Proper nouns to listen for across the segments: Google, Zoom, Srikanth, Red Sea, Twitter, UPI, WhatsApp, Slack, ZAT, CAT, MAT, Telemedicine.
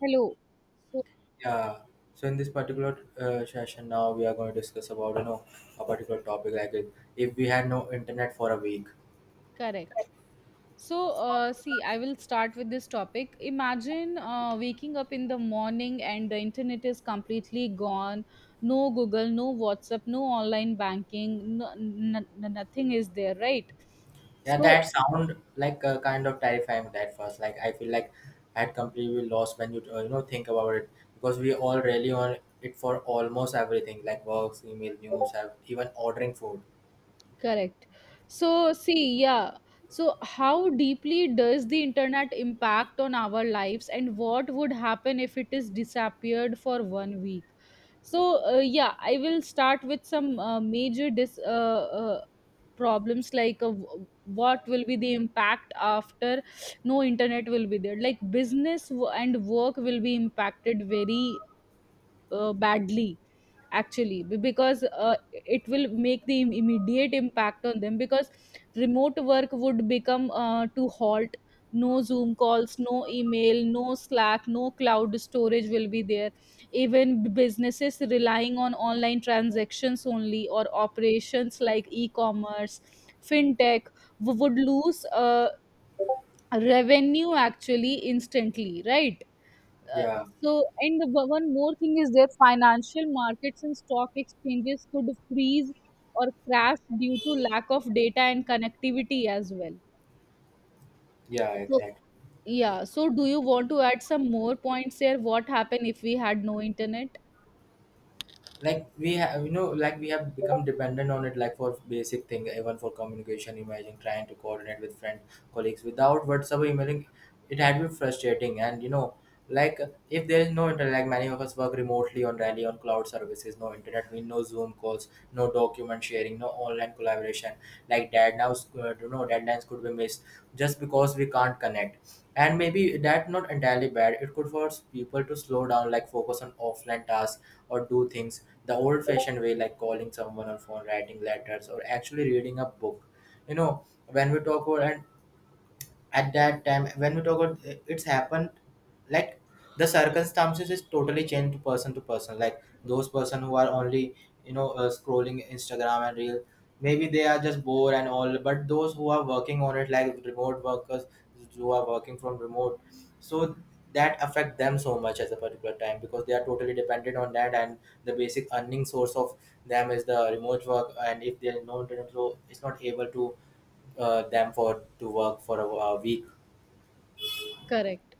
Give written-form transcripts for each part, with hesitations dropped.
Hello. So, Yeah. So in this particular session, now we are going to discuss about a particular topic, like if we had no internet for a week. correct. So, see, I will start with this topic. Imagine waking up in the morning and the internet is completely gone. No Google, no WhatsApp, no online banking, no, nothing is there, right? Yeah, that So, sound like kind of terrifying at first. Like I feel like I had completely lost when you you know think about it, because we all rely on it for almost everything like works, email, news, even ordering food. correct. So, see, yeah. So, how deeply does the internet impact on our lives, and what would happen if it is disappeared for 1 week? So, yeah, I will start with some problems like what will be the impact after no internet will be there. Like business w- and work will be impacted very badly actually because it will make the immediate impact on them because remote work would become to halt. No Zoom calls, no email, no Slack, no cloud storage will be there. Even businesses relying on online transactions only or operations like e-commerce, fintech would lose revenue actually instantly, right? uh, Yeah, so, one more thing is that financial markets and stock exchanges could freeze or crash due to lack of data and connectivity as well. yeah, So, exactly. yeah. So, do you want to add some more points here? What happened if we had no internet? Like we have, like we have become dependent on it, like for basic thing, even for communication. Imagine trying to coordinate with friend, colleagues without WhatsApp or emailing. It had been frustrating, and like if there is no internet, like many of us work remotely, on rally on cloud services, no internet we no Zoom calls, no document sharing, no online collaboration. Like deadlines you know deadlines could be missed just because we can't connect. And maybe that not entirely bad, it could force people to slow down, like focus on offline tasks or do things the old fashioned way, like calling someone on phone, writing letters, or actually reading a book. When we talk about, and at that time when we talk about it's happened. Like the circumstances is totally changed to person to person, like those person who are only scrolling Instagram and real, maybe they are just bored and all. But those who are working on it like remote workers, who are working from remote, so that affect them so much at a particular time because they are totally dependent on that. And the basic earning source of them is the remote work, and if they are not, so it's not able to them for to work for a week. Correct.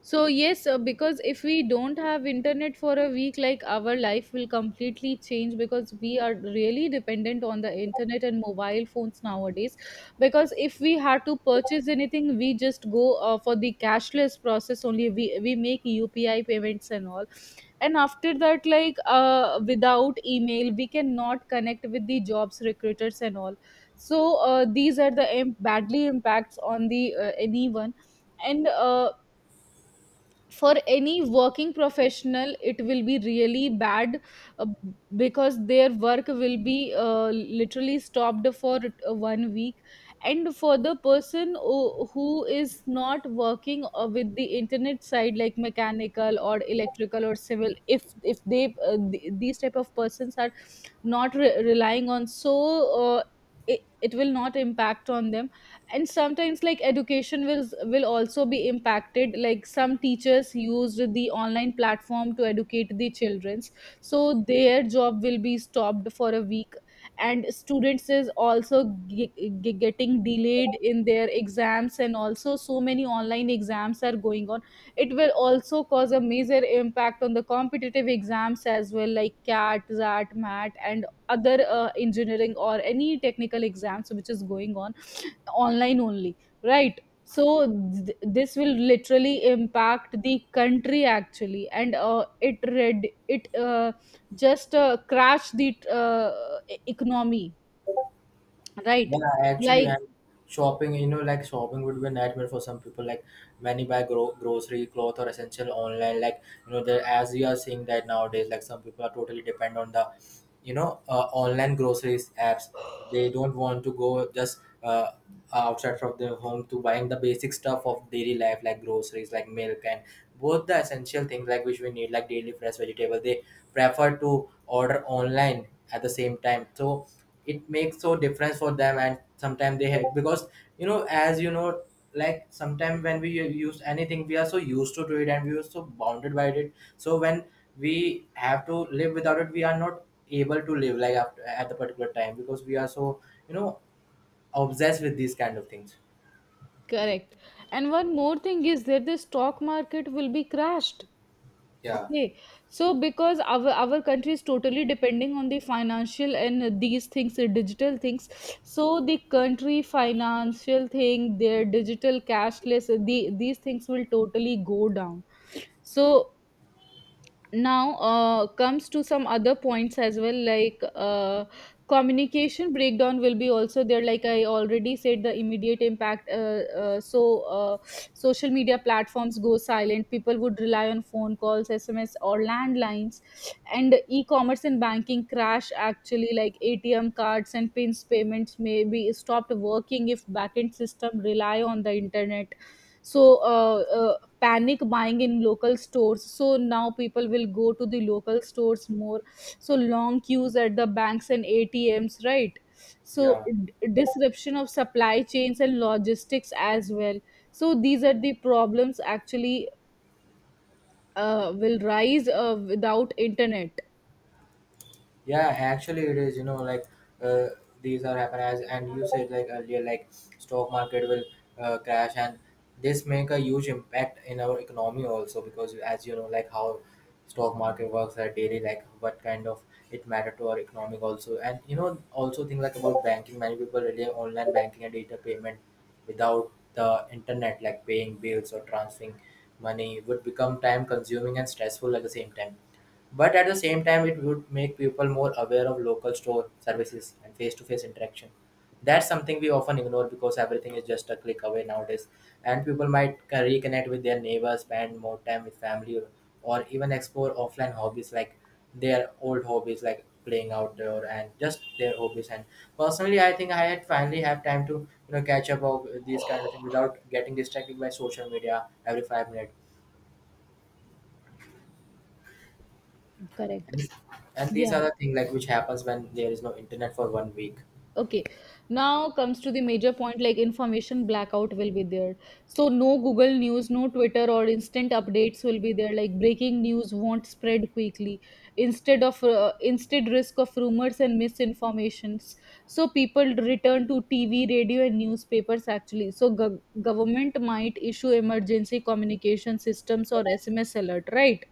So yes, because if we don't have internet for a week, like our life will completely change because we are really dependent on the internet and mobile phones nowadays. Because if we had to purchase anything, we just go for the cashless process only. We make UPI payments and all, and after that, like without email, we cannot connect with the jobs recruiters and all. So these are the badly impacts on the anyone and. For any working professional it will be really bad, uh, because their work will be literally stopped for 1 week. And for the person who is not working with the internet side, like mechanical or electrical or civil, if they these type of persons are not relying on, so uh, it, it will not impact on them. And sometimes like education will also be impacted, like some teachers used the online platform to educate the childrens, so their job will be stopped for a week. And students is also getting delayed in their exams, and also so many online exams are going on. It will also cause a major impact on the competitive exams as well, like CAT, ZAT, MAT and other engineering or any technical exams which is going on online only, right? So this will literally impact the country actually, and it read it just crash the economy, right? Yeah, actually, Like, I'm shopping. You know, like shopping would be a nightmare for some people. Like many buy grocery, cloth, or essential online. Like there as we are seeing that nowadays, like some people are totally depend on the, online groceries apps. They don't want to go just outside from their home to buying the basic stuff of daily life like groceries like milk and both the essential things like which we need, like daily fresh vegetable they prefer to order online at the same time. So it makes so difference for them. And sometimes they have because you know as you know like sometimes when we use anything we are so used to do it and we are so bounded by it. So when we have to live without it we are not able to live like after, at the particular time because we are so you know obsessed with these kind of things. correct. And one more thing is that the stock market will be crashed. Yeah, Okay, so because our country is totally depending on the financial and these things, digital things. So the country financial thing, their digital cashless, the these things will totally go down. So now comes to some other points as well, like communication breakdown will be also there. Like I already said the immediate impact, social media platforms go silent, people would rely on phone calls, SMS or landlines. And e-commerce and banking crash actually, like ATM cards and pins payments may be stopped working if backend system rely on the internet. So panic buying in local stores, so now people will go to the local stores more. So long queues at the banks and ATMs, right? So yeah. Disruption of supply chains and logistics as well. So these are the problems actually will rise without internet. Yeah, actually, it is. You know, like uh, these are happen as, and you said like earlier, like stock market will crash, and this make a huge impact in our economy also because as you know, like how stock market works at daily, like what kind of it matter to our economic also. And also think like about banking. Many people rely on online banking and data payment. Without the internet, like paying bills or transferring money would become time consuming and stressful at the same time. But at the same time, it would make people more aware of local store services and face to face interaction. That's something we often ignore because everything is just a click away nowadays. And people might reconnect with their neighbors, spend more time with family, or even explore offline hobbies like their old hobbies, like playing outdoor and just their hobbies. And personally, I think I had finally have time to catch up of these kind of things without getting distracted by social media every 5 minutes. Correct, And these yeah. are the thing like which happens when there is no internet for one week. Okay, now comes to the major point, like information blackout will be there. So, no Google News, no Twitter or instant updates will be there. Like breaking news won't spread quickly. Instead of instead risk of rumors and misinformations. So, people return to TV, radio and newspapers actually. So, government might issue emergency communication systems or SMS alert, right?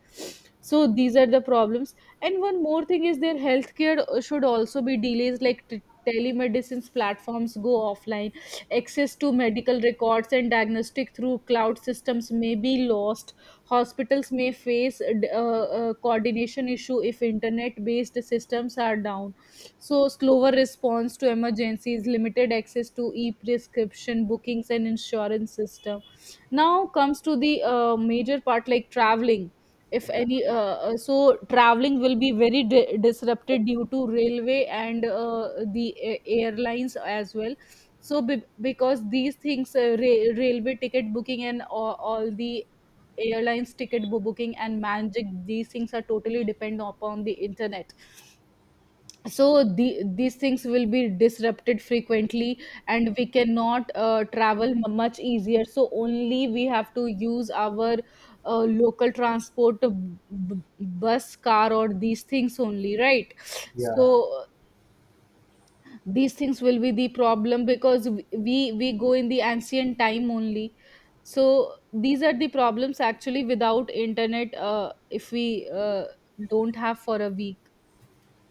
So, these are the problems. And one more thing is their healthcare should also be delays. Like telemedicine platforms go offline, access to medical records and diagnostic through cloud systems may be lost, hospitals may face coordination issue if internet based systems are down. So slower response to emergencies, limited access to e-prescription bookings and insurance system. Now comes to the major part, like traveling. If Yeah. any traveling will be very disrupted due to railway and airlines as well. So because these things, railway ticket booking and all the airlines ticket booking and magic, these things are totally depend upon the internet. So the, these things will be disrupted frequently, and we cannot travel much easier, so only we have to use our local transport, bus, car or these things only, right? Yeah. So these things will be the problem because we go in the ancient time only. So these are the problems actually without internet, if we don't have for a week.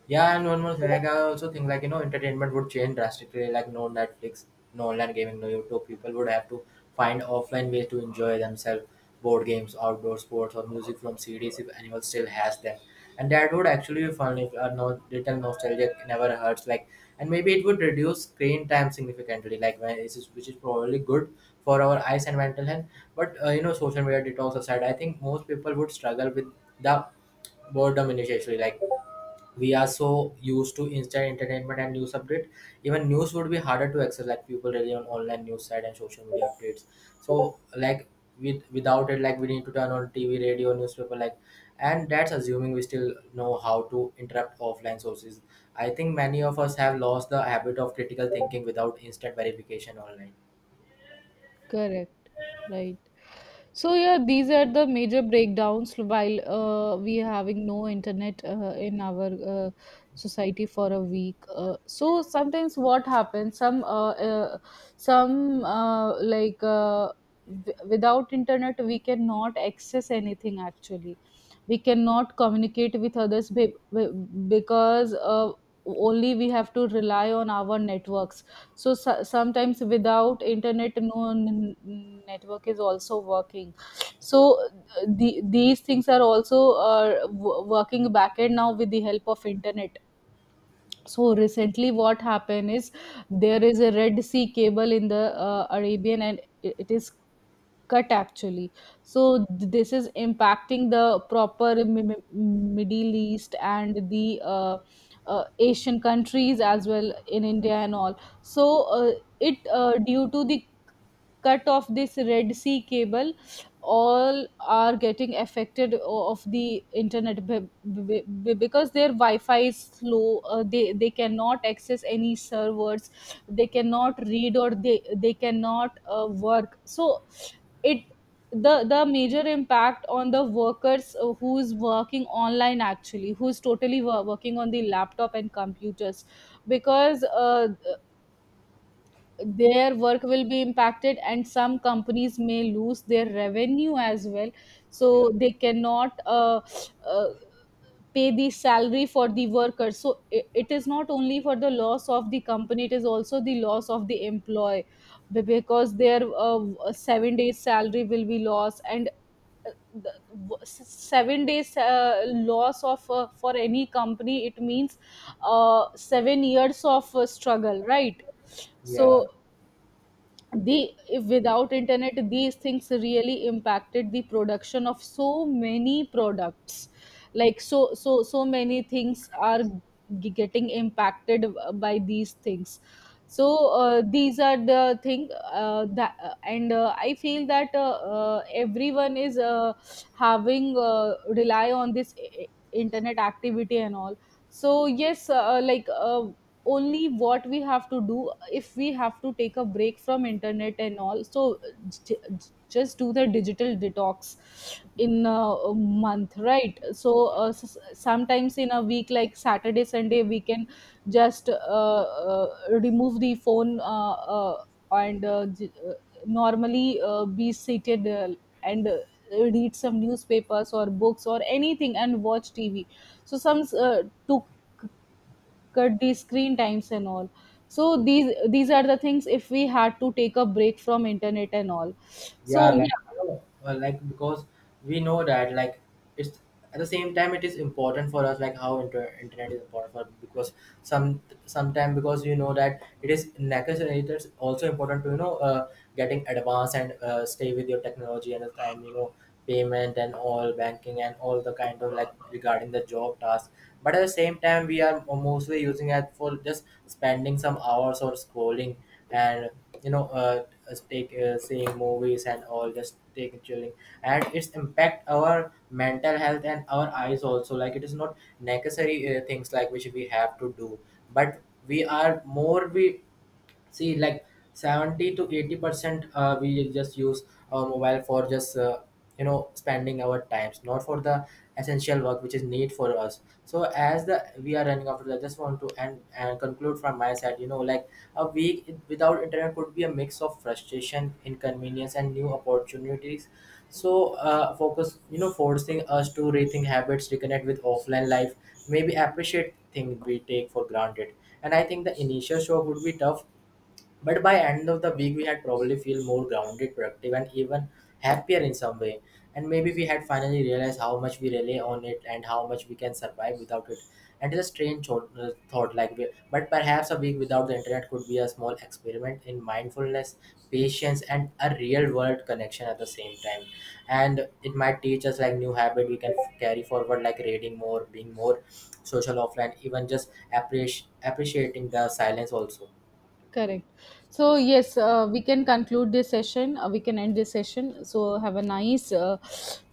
Yeah, and one more thing, like I also think like entertainment would change drastically. Like no Netflix, no online gaming, no YouTube. People would have to find offline ways to enjoy themselves, board games, outdoor sports, or music from CDs if anyone still has them. And that would actually be fun. If a no, little nostalgia never hurts. Like and maybe it would reduce screen time significantly. Like when it is, which is probably good for our eyes and mental health. But social media detox aside, I think most people would struggle with the boredom initially. Like we are so used to instant entertainment and news update. Even news would be harder to access, like people rely on online news site and social media updates. So like with without it, like we need to turn on TV, radio, newspaper. Like and that's assuming we still know how to interrupt offline sources. I think many of us have lost the habit of critical thinking without instant verification online. Correct. Right. So yeah, these are the major breakdowns while we having no internet in our society for a week. So sometimes what happens? Some uh, like uh, Without internet we cannot access anything. Actually, we cannot communicate with others because only we have to rely on our networks. So, so sometimes without internet, no network is also working. So the, these things are also working backend now with the help of internet. So recently what happened is there is a Red Sea cable in the Arabian, and it is cut actually. So this is impacting the proper Middle East and the Asian countries as well, in India and all. So uh, it due to the cut of this Red Sea cable, all are getting affected of the internet because their Wi-Fi is slow. Uh, they cannot access any servers, they cannot read, or they cannot work. So it, the major impact on the workers who's working online, actually who's totally working on the laptop and computers. Because their work will be impacted and some companies may lose their revenue as well, Yeah. so they cannot uh, pay the salary for the workers. So it is not only for the loss of the company, it is also the loss of the employee because their 7 days salary will be lost. And uh, 7 days loss of for any company, it means 7 years of struggle, right? Yeah. So the, if without internet these things really impacted the production of so many products, like so many things are getting impacted by these things. So these are the thing that and I feel that everyone is having rely on this internet activity and all. So yes, like only what we have to do, if we have to take a break from internet and all, so just do the digital detox in a month, right? So uh, sometimes in a week, like Saturday, Sunday, we can just remove the phone, and uh, j- uh, normally be seated, and read some newspapers or books or anything and watch TV. So some took, cut these screen times and all. So these are the things if we had to take a break from internet and all. So Yeah, like yeah, like because we know that like it's at the same time it is important for us, like how internet is important for because some sometime, because that it is necessary, it is also important to getting advanced and stay with your technology and the time, payment and all, banking and all the kind of like regarding the job task. But at the same time we are mostly using it for just spending some hours or scrolling, and just take seeing movies and all, just take chilling. And it's impact our mental health and our eyes also. Like it is not necessary things like which we have to do. But we are more we see like 70 to 80% we just use our mobile for just spending our times, not for the essential work which is need for us. So as the we are running after that, I just want to end and conclude from my side. Like a week without internet could be a mix of frustration, inconvenience, and new opportunities. So focus you know forcing us to rethink habits, reconnect with offline life, maybe appreciate things we take for granted. And I think the initial shock would be tough, but by end of the week we had probably feel more grounded, productive, and even happier in some way. And maybe we had finally realized how much we rely on it and how much we can survive without it. And it's a strange thought like we, but perhaps a week without the internet could be a small experiment in mindfulness, patience, and a real world connection at the same time. And it might teach us like new habit we can carry forward, like reading more, being more social offline, even just appreciating the silence also. correct. So yes, we can conclude this session, we can end this session. So have a nice,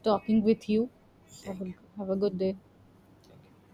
talking with you. So Thank you. have a good day. Thank you.